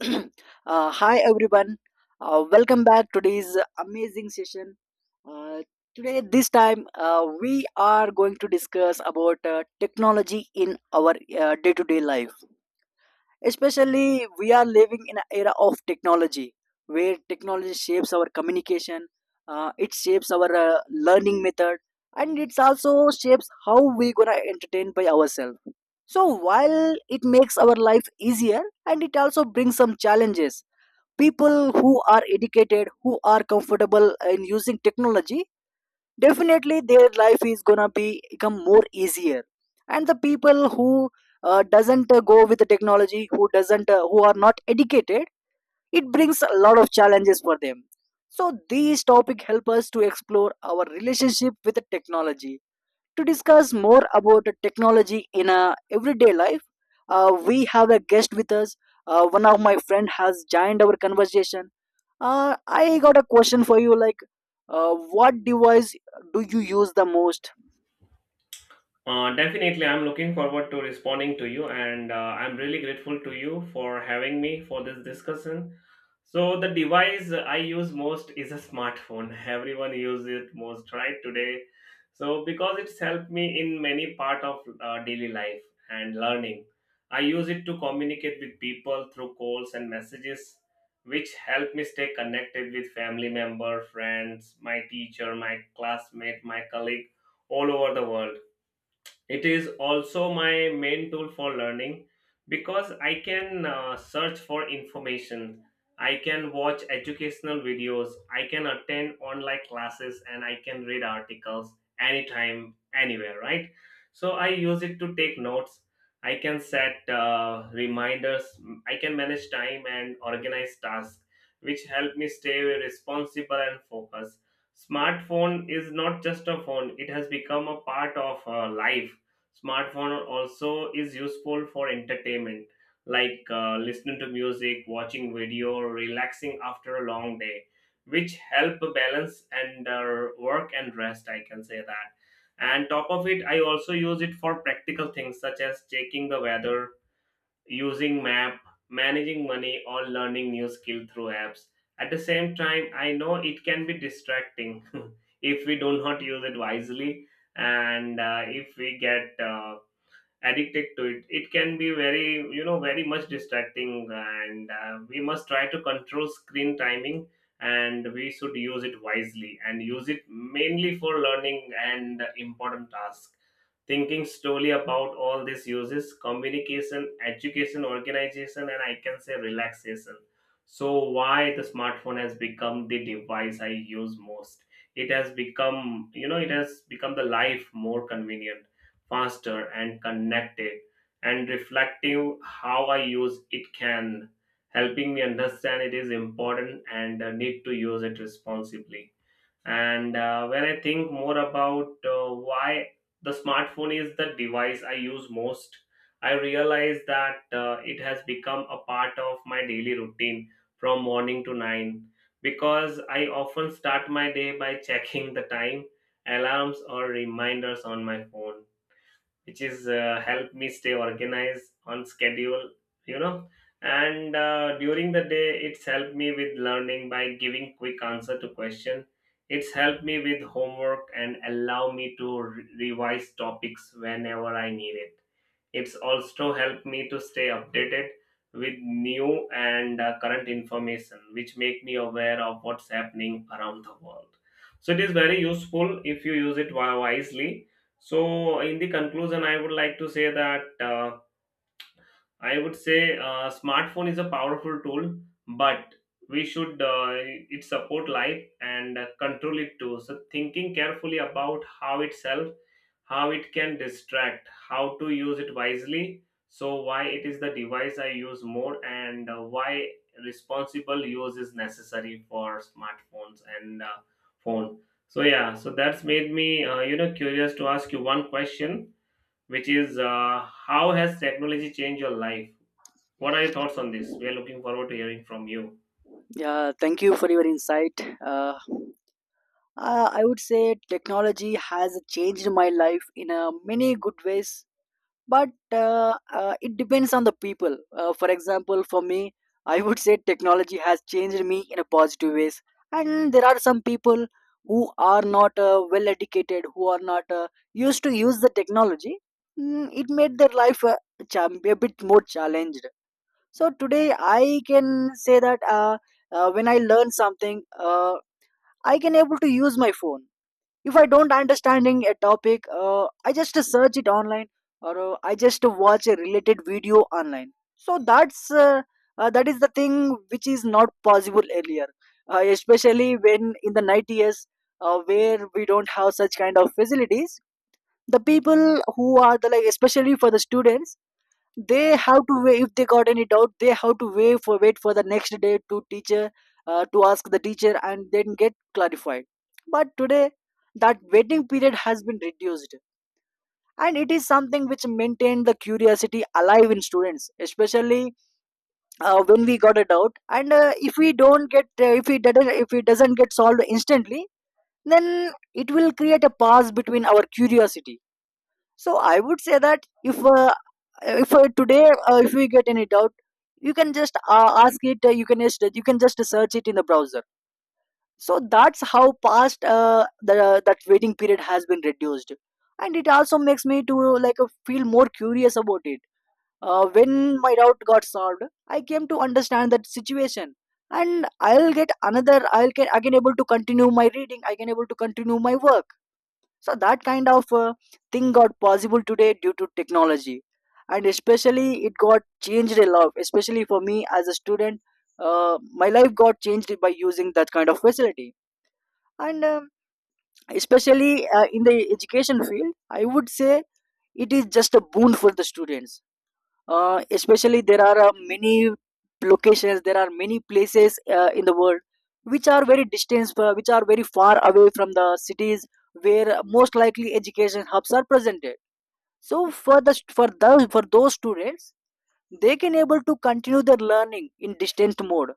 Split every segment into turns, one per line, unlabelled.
Hi everyone. Welcome back to today's amazing session. Uh, today this time, we are going to discuss about technology in our day-to-day life. Especially, we are living in an era of technology where technology shapes our communication. It shapes our learning method, and it also shapes how we gonna entertain by ourselves. So while it makes our life easier, and it also brings some challenges. People who are educated, who are comfortable in using technology, definitely their life is gonna be become more easier. And the people who doesn't go with the technology, who doesn't who are not educated, it brings a lot of challenges for them. So these topic help us to explore our relationship with the technology, to discuss more about the technology in a everyday life. We have a guest with us. One of my friend has joined our conversation. I got a question for you. Like, what device do you use the most?
Definitely, I'm looking forward to responding to you, and I'm really grateful to you for having me for this discussion. So, the device I use most is a smartphone. Everyone uses it most, right, today. So, because it's helped me in many part of daily life and learning, I use it to communicate with people through calls and messages, which help me stay connected with family member, friends, my teacher, my classmate, my colleague all over the world. It is also my main tool for learning because I can search for information, I can watch educational videos, I can attend online classes, and I can read articles anytime, anywhere, right? So I use it to take notes. I can set reminders, I can manage time and organize tasks, which help me stay responsible and focused. Smartphone is not just a phone, it has become a part of life. Smartphone also is useful for entertainment, like listening to music, watching video, or relaxing after a long day, which help balance and work and rest. I can say that. And top of it, I also use it for practical things such as checking the weather, using map, managing money, or learning new skill through apps. At the same time, I know it can be distracting if we do not use it wisely, and if we get addicted to it, can be very, very much distracting, and we must try to control screen timing, and we should use it wisely and use it mainly for learning and important tasks. Thinking slowly about all these uses, communication, education, organization, and I can say relaxation, so why the smartphone has become the device I use most. It has become, it has become the life more convenient, faster and connected, and reflective. How I use it can helping me understand it is important and need to use it responsibly. And when I think more about why the smartphone is the device I use most, I realize that it has become a part of my daily routine from morning to nine, because I often start my day by checking the time, alarms or reminders on my phone, which is help me stay organized on schedule, you know. And during the day it's helped me with learning by giving quick answer to question. It's helped me with homework and allow me to revise topics whenever I need it. It's also helped me to stay updated with new and current information, which make me aware of what's happening around the world. So it is very useful if you use it wisely. So, in the conclusion, I would like to say that I would say smartphone is a powerful tool, but we should it support life and control it too. So, thinking carefully about how itself, how it can distract, how to use it wisely. So, why it is the device I use more, and why responsible use is necessary for smartphones and phone. So, yeah, so that's made me curious to ask you one question, which is how has technology changed your life? What are your thoughts on this? We are looking forward to hearing from you.
Yeah, thank you for your insight. Uh, I would say technology has changed my life in many good ways. But it depends on the people, for example, for me, I would say technology has changed me in a positive ways. And there are some people who are not well educated, who are not used to use the technology. It made their life a bit more challenged. So today I can say that, when I learn something, uh, I can able to use my phone. If I don't understanding a topic, I just search it online, or I just watch a related video online. So that is the thing which is not possible earlier, especially when in the 90s, where we don't have such kind of facilities. The people who are the, like, especially for the students, they have to wait. If they got any doubt, they have to wait for the next day to teacher, to ask the teacher and then get clarified. But today, that waiting period has been reduced, and it is something which maintained the curiosity alive in students especially. When we got a doubt, and if we don't get, if it doesn't get solved instantly, then it will create a pause between our curiosity. So I would say that if today, if we get any doubt, you can just ask it, you can just search it in the browser. So that's how past the that waiting period has been reduced, and it also makes me to, like, feel more curious about it. When my doubt got solved, I came to understand that situation, and I'll get again able to continue my reading, I can able to continue my work. So that kind of thing got possible today due to technology, and especially it got changed a lot. Especially for me as a student, my life got changed by using that kind of facility. And especially, in the education field, I would say it is just a boon for the students. Especially, there are many locations, there are many places in the world, which are very distant, which are very far away from the cities, where most likely education hubs are presented. So for those students, they can able to continue their learning in distant mode,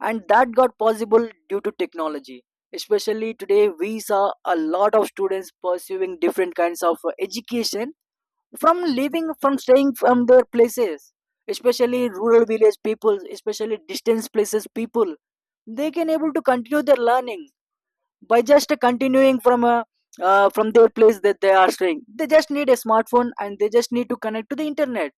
and that got possible due to technology. Especially today, we saw a lot of students pursuing different kinds of education from living, from staying from their places, especially rural village people, especially distance places people, they can able to continue their learning by just continuing from their place that they are staying. They just need a smartphone, and they just need to connect to the internet,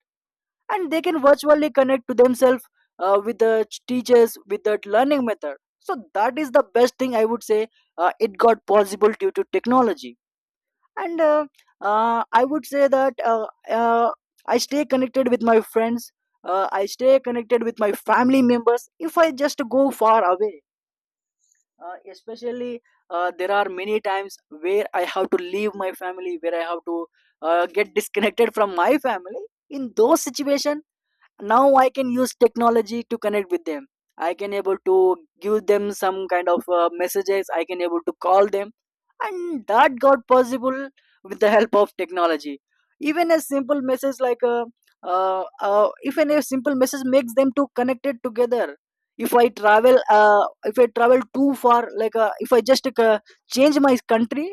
and they can virtually connect to themselves with the teachers with that learning method. So that is the best thing, I would say, it got possible due to technology. And I would say that, uh, I stay connected with my friends, I stay connected with my family members if I just go far away. Especially, there are many times where I have to leave my family, where I have to get disconnected from my family. In those situations, now I can use technology to connect with them. I can able to give them some kind of messages, I can able to call them, and that got possible with the help of technology. Even a simple message like a even a simple message makes them to connected together. If I travel too far, like, if I just change my country,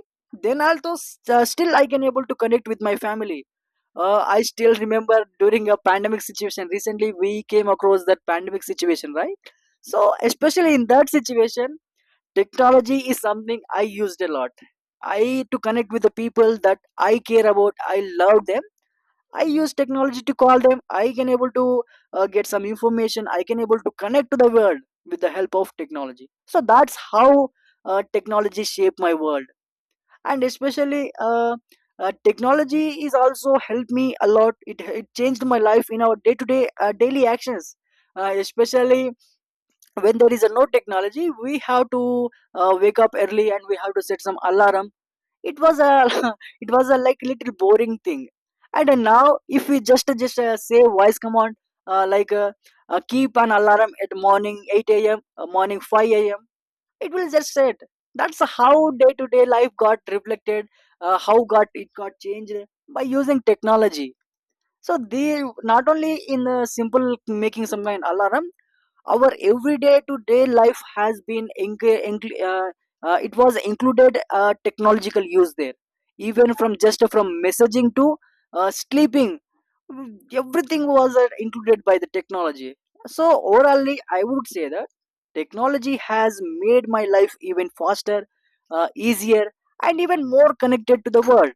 then also, still I can able to connect with my family. I still remember during a pandemic situation. Recently, we came across that pandemic situation, right? So, especially in that situation, technology is something I used a lot. I to connect with the people that I care about. I love them. I use technology to call them. I can able to get some information. I can able to connect to the world with the help of technology. So that's how technology shaped my world. And especially, technology is also helped me a lot, it changed my life in our day to day daily actions. Especially when there is a no technology, we have to wake up early, and we have to set some alarm. It was a It was a like little boring thing. And now if we just say voice command, uh, like uh, keep an alarm at morning 8 a.m., morning 5 a.m., it will just set. That's how day to day life got reflected, how got it got changed by using technology. So they, not only in simple making some an alarm, our everyday to day life has been enc- enc- it was included, technological use there. Even from just from messaging to sleeping, everything was included by the technology. So overallly, I would say that technology has made my life even faster, easier, and even more connected to the world.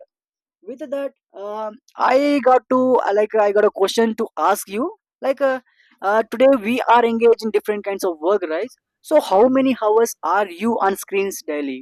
With that, i I got a question to ask you. Like, today we are engaged in different kinds of work, right? So how many hours are you on screens daily?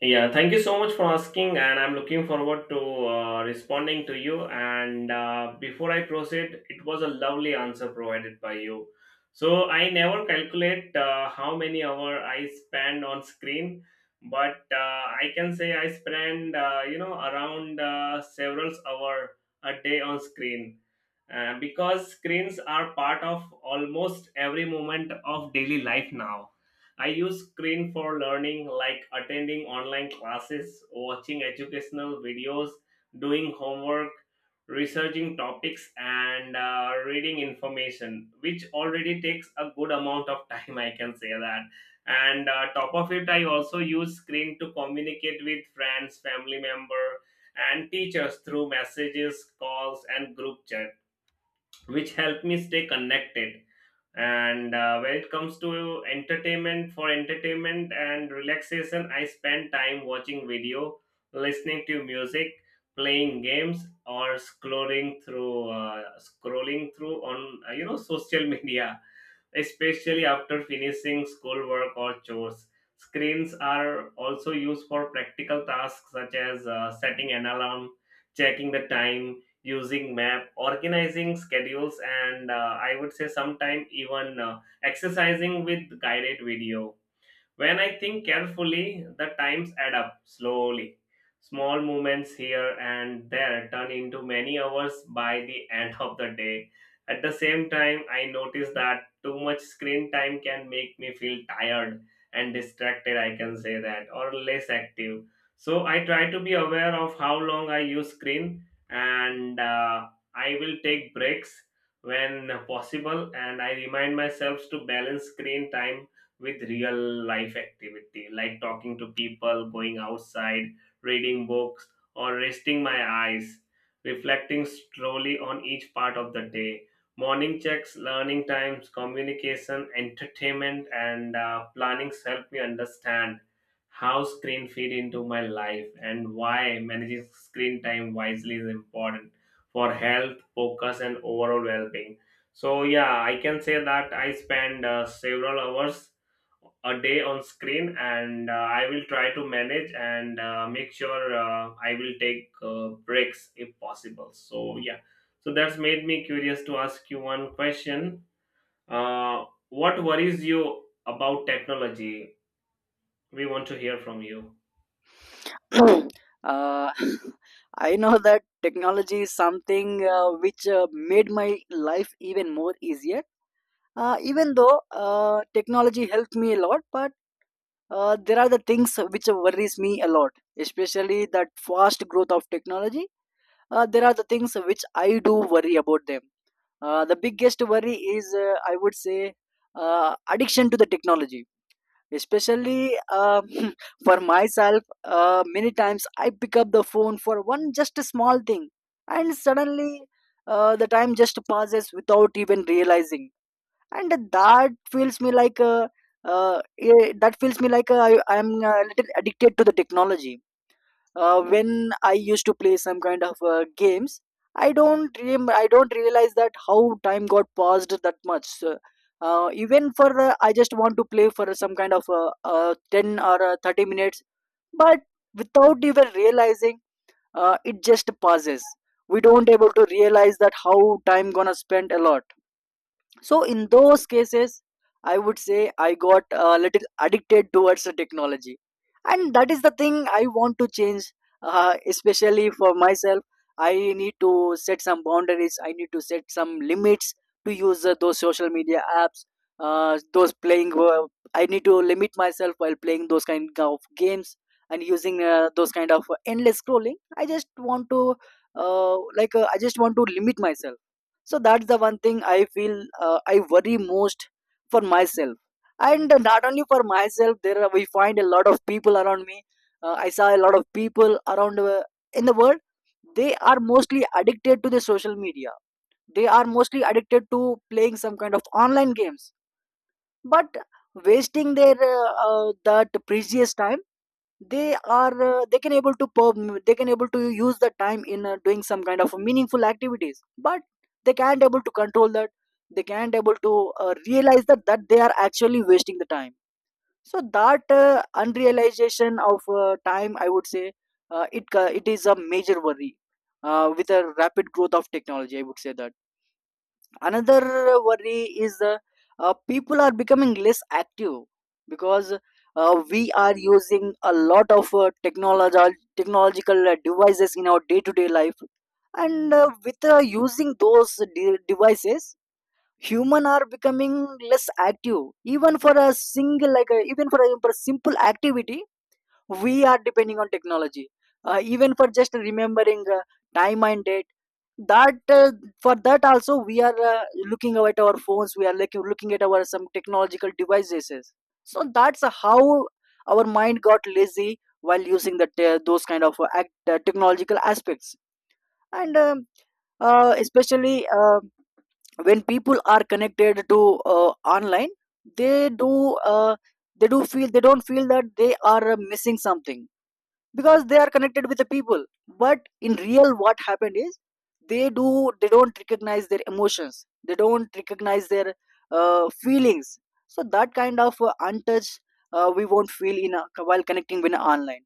Yeah, thank you so much for asking, and I'm looking forward to responding to you. And before I proceed, it was a lovely answer provided by you. So I never calculate how many hours I spend on screen, but I can say I spend, around several hours a day on screen, because screens are part of almost every moment of daily life now. I use screen for learning, like attending online classes, watching educational videos, doing homework, researching topics, and reading information, which already takes a good amount of time, I can say that. And top of it, I also use screen to communicate with friends, family member, and teachers through messages, calls, and group chat, which help me stay connected. And when it comes to entertainment, for entertainment and relaxation, I spend time watching video, listening to music, playing games, or scrolling through on, social media, especially after finishing schoolwork or chores. Screens are also used for practical tasks such as setting an alarm, checking the time, using map, organizing schedules, and I would say sometimes even exercising with guided video. When I think carefully, the times add up slowly. Small movements here and there turn into many hours by the end of the day. At the same time, I notice that too much screen time can make me feel tired and distracted, I can say that, or less active. So I try to be aware of how long I use screen, and I will take breaks when possible, and I remind myself to balance screen time with real life activity, like talking to people, going outside, reading books, or resting my eyes, reflecting slowly on each part of the day. Morning checks, learning times, communication, entertainment, and planning help me understand how screen feed into my life and why managing screen time wisely is important for health, focus, and overall well-being. So yeah, I can say that I spend several hours a day on screen, and I will try to manage, and make sure I will take breaks if possible. So yeah, so that's made me curious to ask you one question. uh, what worries you about technology? We want to hear from you.
uh, I know that technology is something which made my life even more easier. Even though technology helped me a lot, but there are the things which worries me a lot, especially that fast growth of technology. There are the things which I do worry about them. The biggest worry is, I would say, addiction to the technology. Especially, for myself, many times I pick up the phone for one just a small thing, and suddenly, the time just passes without even realizing. And that feels me like eh, that feels me like I, I'm a little addicted to the technology. When I used to play some kind of games, I don't realize that how time got passed that much. So, even for, I just want to play for some kind of 10 or 30 minutes, but without even realizing, it just passes. We don't able to realize that how time gonna spend a lot. So in those cases, I would say, I got a little addicted towards the technology, and that is the thing I want to change. Especially for myself, I need to set some boundaries, I need to set some limits to use those social media apps, those playing I need to limit myself while playing those kind of games, and using those kind of endless scrolling. I just want to limit myself. So that's the one thing I feel, I worry most for myself. And not only for myself, we find a lot of people around me. I saw a lot of people around, in the world, they are mostly addicted to the social media. They are mostly addicted to playing some kind of online games, but wasting their that precious time. They can able to use the time in doing some kind of meaningful activities, but they can't able to control that. They can't able to Realize that they are actually wasting the time. So that unrealization of time, I would say, it is a major worry. With a rapid growth of technology, I would say that another worry is people are becoming less active, because we are using a lot of technology technological devices in our day to day life. And with using those devices, human are becoming less active. Even for a even for a simple activity, we are depending on technology, even for just remembering time and date. That For that also we are looking at our phones. We are looking at our some technological devices. So that's how our mind got lazy while using those kind of technological aspects. And especially when people are connected to online, they do feel, they don't feel that they are missing something, because they are connected with the people. But in real, what happened is, they do they don't recognize their emotions, they don't recognize their feelings. So that kind of untouched, we won't feel while connecting with online.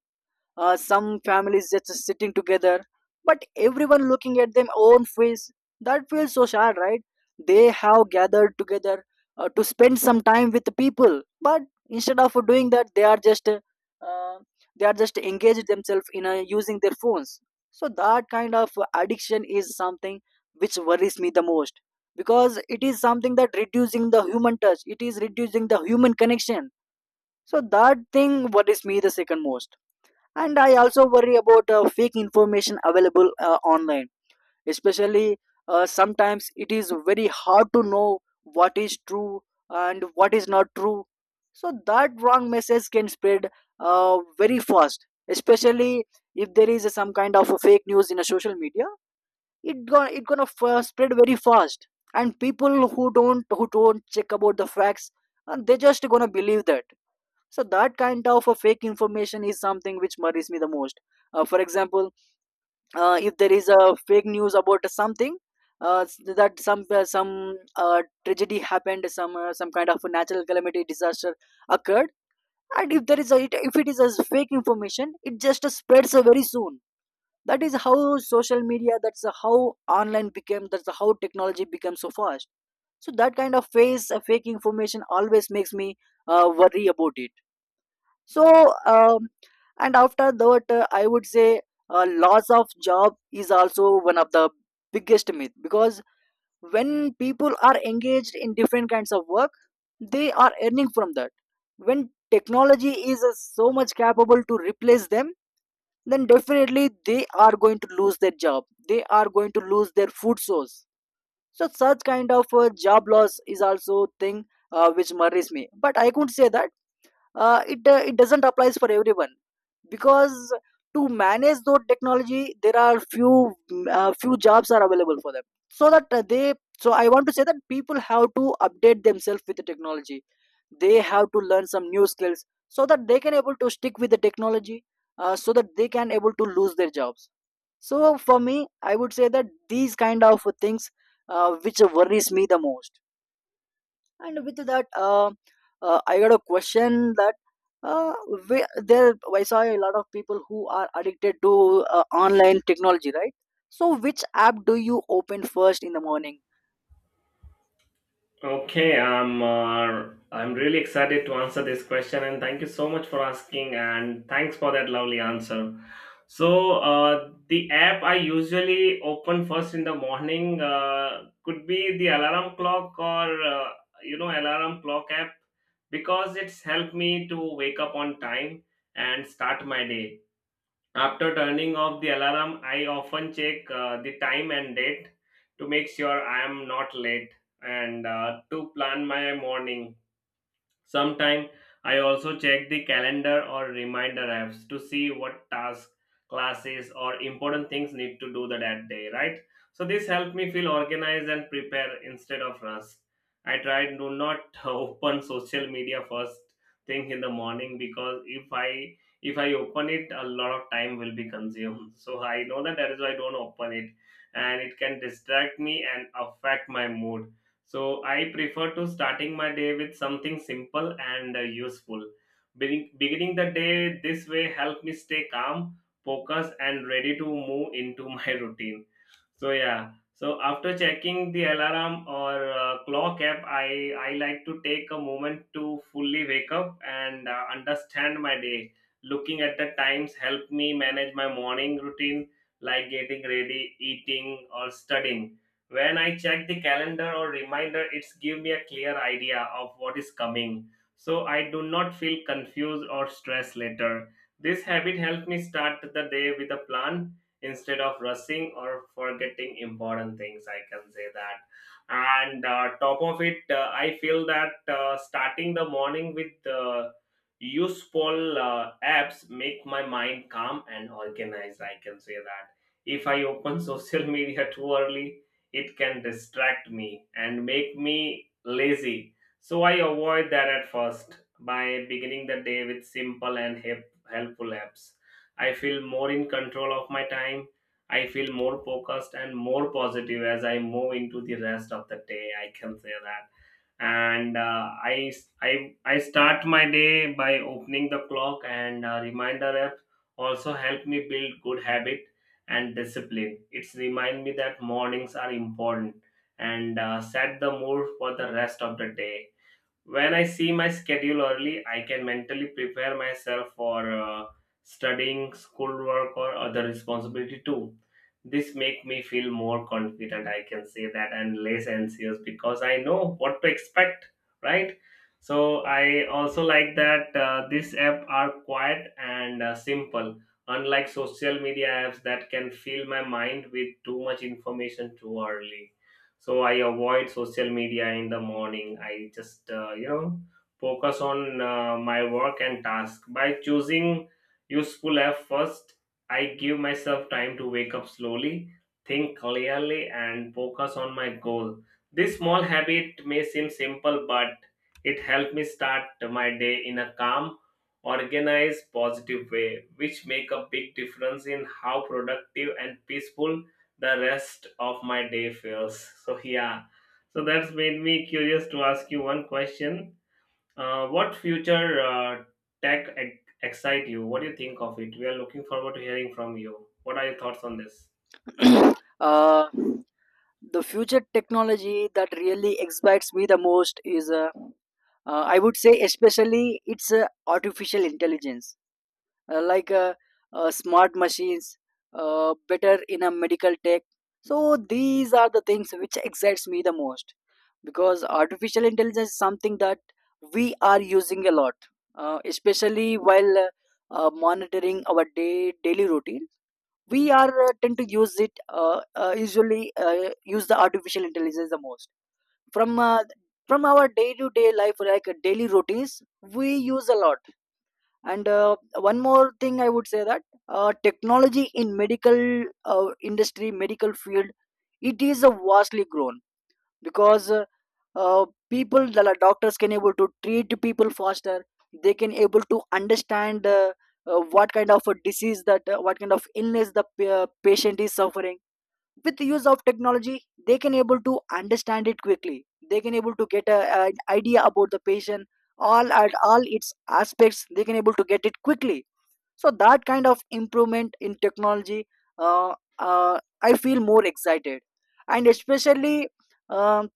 Some families just sitting together, but everyone looking at their own face. That feels so sad, right? They have gathered together to spend some time with the people, but instead of doing that, they are just engaged themselves in using their phones. So that kind of addiction is something which worries me the most, because it is something that reducing the human touch, it is reducing the human connection. So that thing worries me the second most. And I also worry about fake information available online. Especially sometimes it is very hard to know what is true and what is not true. So that wrong message can spread very fast. Especially if there is some kind of a fake news in a social media, it gonna spread very fast. And people who don't check about the facts, and they just gonna believe that. So that kind of a fake information is something which worries me the most. For example, if there is a fake news about something, that some tragedy happened, some kind of a natural calamity disaster occurred. And if there is a if it is as fake information, it just spreads very soon. That is how social media, that's how online became, that's how technology became so fast. So that kind of face fake information always makes me worry about it. So um, and after that, I would say loss of job is also one of the biggest myth, because when people are engaged in different kinds of work, they are earning from that. When technology is so much capable to replace them, then definitely they are going to lose their job, they are going to lose their food source. So such kind of job loss is also thing which worries me. But I could say that it doesn't applies for everyone, because to manage those technology, there are few jobs are available for them. So that uh, they so I want to say that people have to update themselves with the technology. They have to learn some new skills, so that they can able to stick with the technology, so that they can able to lose their jobs. So for me, I would say that these kind of things which worries me the most. And with that, I got a question that, uh, there I saw a lot of people who are addicted to online technology, right? So, which app do you open first in the morning?
Okay, I'm really excited to answer this question, and thank you so much for asking, and thanks for that lovely answer. So the app I usually open first in the morning could be the alarm clock, or alarm clock app, because it's helped me to wake up on time and start my day. After turning off the alarm, I often check the time and date to make sure I am not late and to plan my morning. Sometime I also check the calendar or reminder apps to see what tasks, classes, or important things need to do that, that day, right? So this helped me feel organized and prepare instead of rushed. I try to not open social media first thing in the morning, because if I open it, a lot of time will be consumed. So I know that that is why I don't open it, and it can distract me and affect my mood, so I prefer to starting my day with something simple and useful. Beginning the day this way help me stay calm, focused, and ready to move into my routine, so yeah. So after checking the alarm or clock app, I like to take a moment to fully wake up and understand my day. Looking at the times help me manage my morning routine, like getting ready, eating, or studying. When I check the calendar or reminder, it's give me a clear idea of what is coming. So I do not feel confused or stressed later. This habit helps me start the day with a plan instead of rushing or forgetting important things, I can say that. And top of it, I feel that starting the morning with useful apps make my mind calm and organized, I can say that. If I open social media too early, it can distract me and make me lazy, so I avoid that at first. By beginning the day with simple and helpful apps, I feel more in control of my time. I feel more focused and more positive as I move into the rest of the day. I can say that. And I start my day by opening the clock and reminder app, also help me build good habit and discipline. It's remind me that mornings are important and set the mood for the rest of the day. When I see my schedule early, I can mentally prepare myself for studying, schoolwork, or other responsibility too. This make me feel more confident, I can say that, and less anxious because I know what to expect, right? So I also like that this app are quiet and simple. Unlike social media apps that can fill my mind with too much information too early, so I avoid social media in the morning. I just, focus on my work and task. By choosing useful app first, I give myself time to wake up slowly, think clearly, and focus on my goal. This small habit may seem simple, but it helped me start my day in a calm, organized, positive way, which make a big difference in how productive and peaceful the rest of my day feels. So yeah, so that's made me curious to ask you one question. What future tech excite you? What do you think of it? We are looking forward to hearing from you. What are your thoughts on this?
uh, the future technology that really excites me the most is, I would say, especially it's artificial intelligence, uh, like uh, smart machines, better in a medical tech. So these are the things which excites me the most, because artificial intelligence is something that we are using a lot, especially while monitoring our day daily routine. We are tend to use it usually use the artificial intelligence the most from uh, from our day to day life, like daily routines we use a lot. And one more thing I would say, that technology in medical industry, medical field, it is a vastly grown. Because people doctors can able to treat people faster. They can able to understand what kind of a disease that, what kind of illness patient is suffering, with the use of technology they can able to understand it quickly. They can able to an idea about the patient, all at all its aspects they can able to get it quickly. So that kind of improvement in technology, uh, I feel more excited. And um,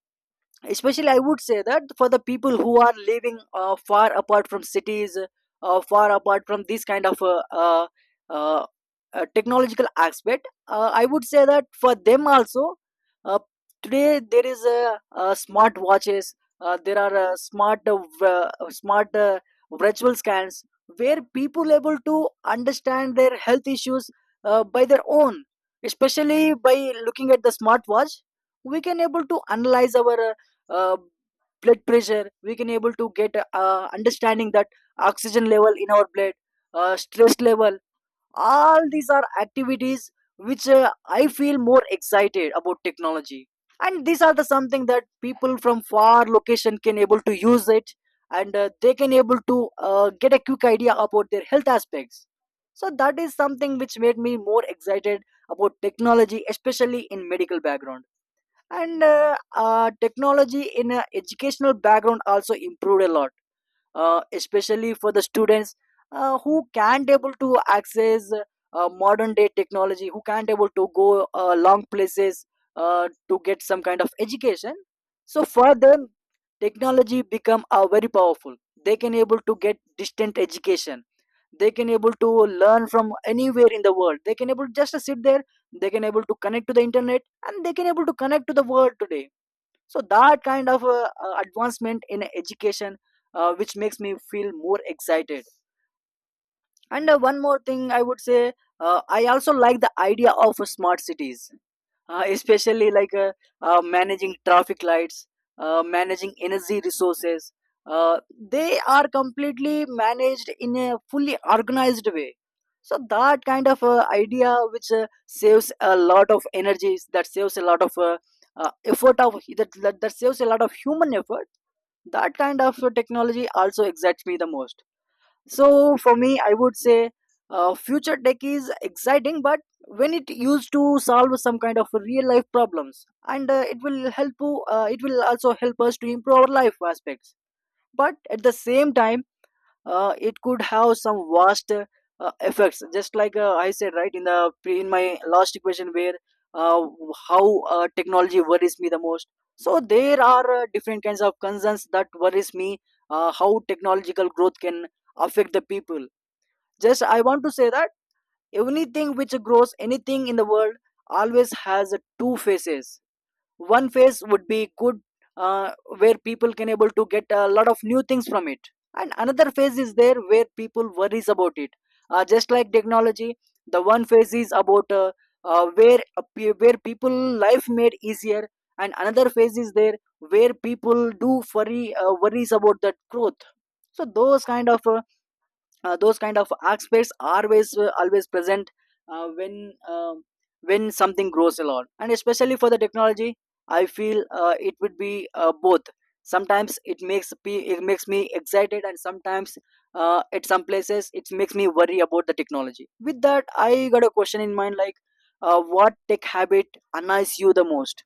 especially I would say that for the people who are living far apart from cities, far apart from this kind of uh, technological aspect, I would say that for them also, uh, today there is smart watches, there are smart v- smart virtual scans, where people able to understand their health issues by their own. Especially by looking at the smartwatch, we can able to analyze our uh, blood pressure. We can able to get understanding that oxygen level in our blood, stress level. All these are activities which I feel more excited about technology. And these are the something that people from far location can able to use it, and they can able to get a quick idea about their health aspects. So that is something which made me more excited about technology, especially in medical background. And technology in educational background also improved a lot. Especially for the students who can't able to access modern day technology, who can't able to go long places to get some kind of education. So for them, technology become very powerful. They can able to get distant education, they can able to learn from anywhere in the world, they can able just sit there, they can able to connect to the internet, and they can able to connect to the world today. So that kind of advancement in education, which makes me feel more excited. And one more thing I would say, I also like the idea of smart cities. Especially managing traffic lights, managing energy resources, uh, they are completely managed in a fully organized way. So that kind of idea which saves a lot of energies, that saves a lot of effort of that saves a lot of human effort. That kind of technology also excites me the most. So for me, I would say future tech is exciting, but when it used to solve some kind of real life problems, and it will help. It will also help us to improve our life aspects. But at the same time, it could have some vast effects. Just like I said, right in the pre- in my last equation, where uh, how technology worries me the most. So there are different kinds of concerns that worries me. How technological growth can affect the people. Just I want to say that anything which grows, anything in the world always has two faces. One face would be good, uh, where people can able to get a lot of new things from it, and another phase is there where people worries about it. Just like technology, the one phase is about where people life made easier, and another phase is there where people do worry worries about that growth. So those kind of aspects are always present uh, when um when something grows a lot. And especially for the technology, I feel it would be both. Sometimes it makes it makes me excited, and sometimes at some places it makes me worry about the technology. With that, I got a question in mind, like, what tech habit annoys you the most?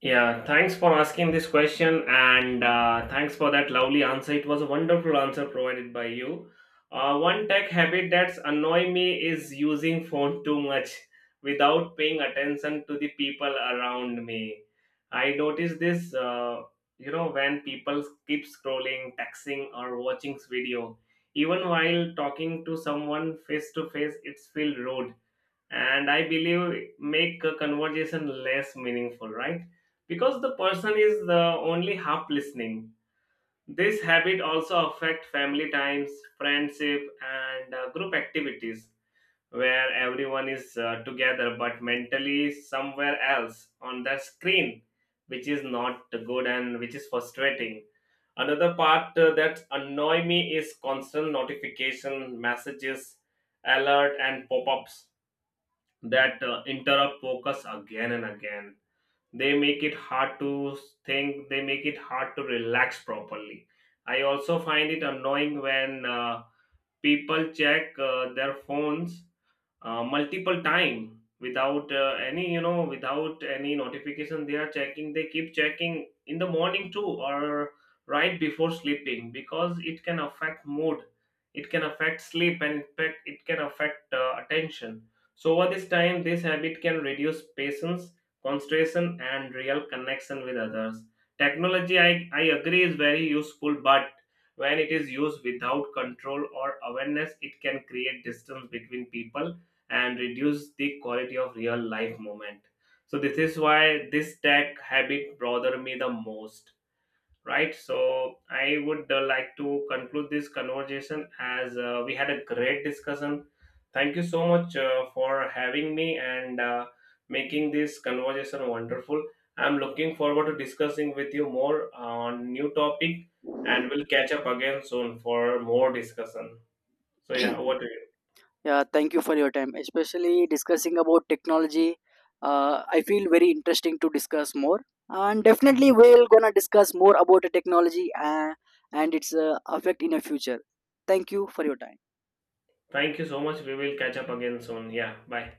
Yeah, thanks for asking this question, and thanks for that lovely answer. It was a wonderful answer provided by you. One tech habit that's annoy me is using phone too much without paying attention to the people around me. I notice this, when people keep scrolling, texting, or watching video, even while talking to someone face to face, it's feel rude, and I believe make a conversation less meaningful, right, because the person is the only half listening. This habit also affect family times, friendship, and group activities where everyone is together but mentally somewhere else on the screen, which is not good and which is frustrating. Another part that annoy me is constant notification messages, alert, and pop-ups that interrupt focus again and again. They make it hard to think, they make it hard to relax properly. I also find it annoying when people check their phones multiple time without any you know without any notification. They are checking they keep checking in the morning too, or right before sleeping, because it can affect mood, it can affect sleep, and in fact it can affect attention. So over this time this habit can reduce patience, concentration, and real connection with others. Technology, I agree, is very useful, but when it is used without control or awareness, it can create distance between people and reduce the quality of real life moment. So this is why this tech habit bother me the most. Right, so I would like to conclude this conversation, as we had a great discussion. Thank you so much for having me, and making this conversation wonderful. I'm looking forward to discussing with you more on new topic, and we'll catch up again soon for more discussion. So yeah, over to you.
Yeah, thank you for your time. Especially discussing about technology, I feel very interesting to discuss more. And definitely, we're gonna discuss more about the technology, and its effect in the future. Thank you for your time.
Thank you so much. We will catch up again soon. Yeah. Bye.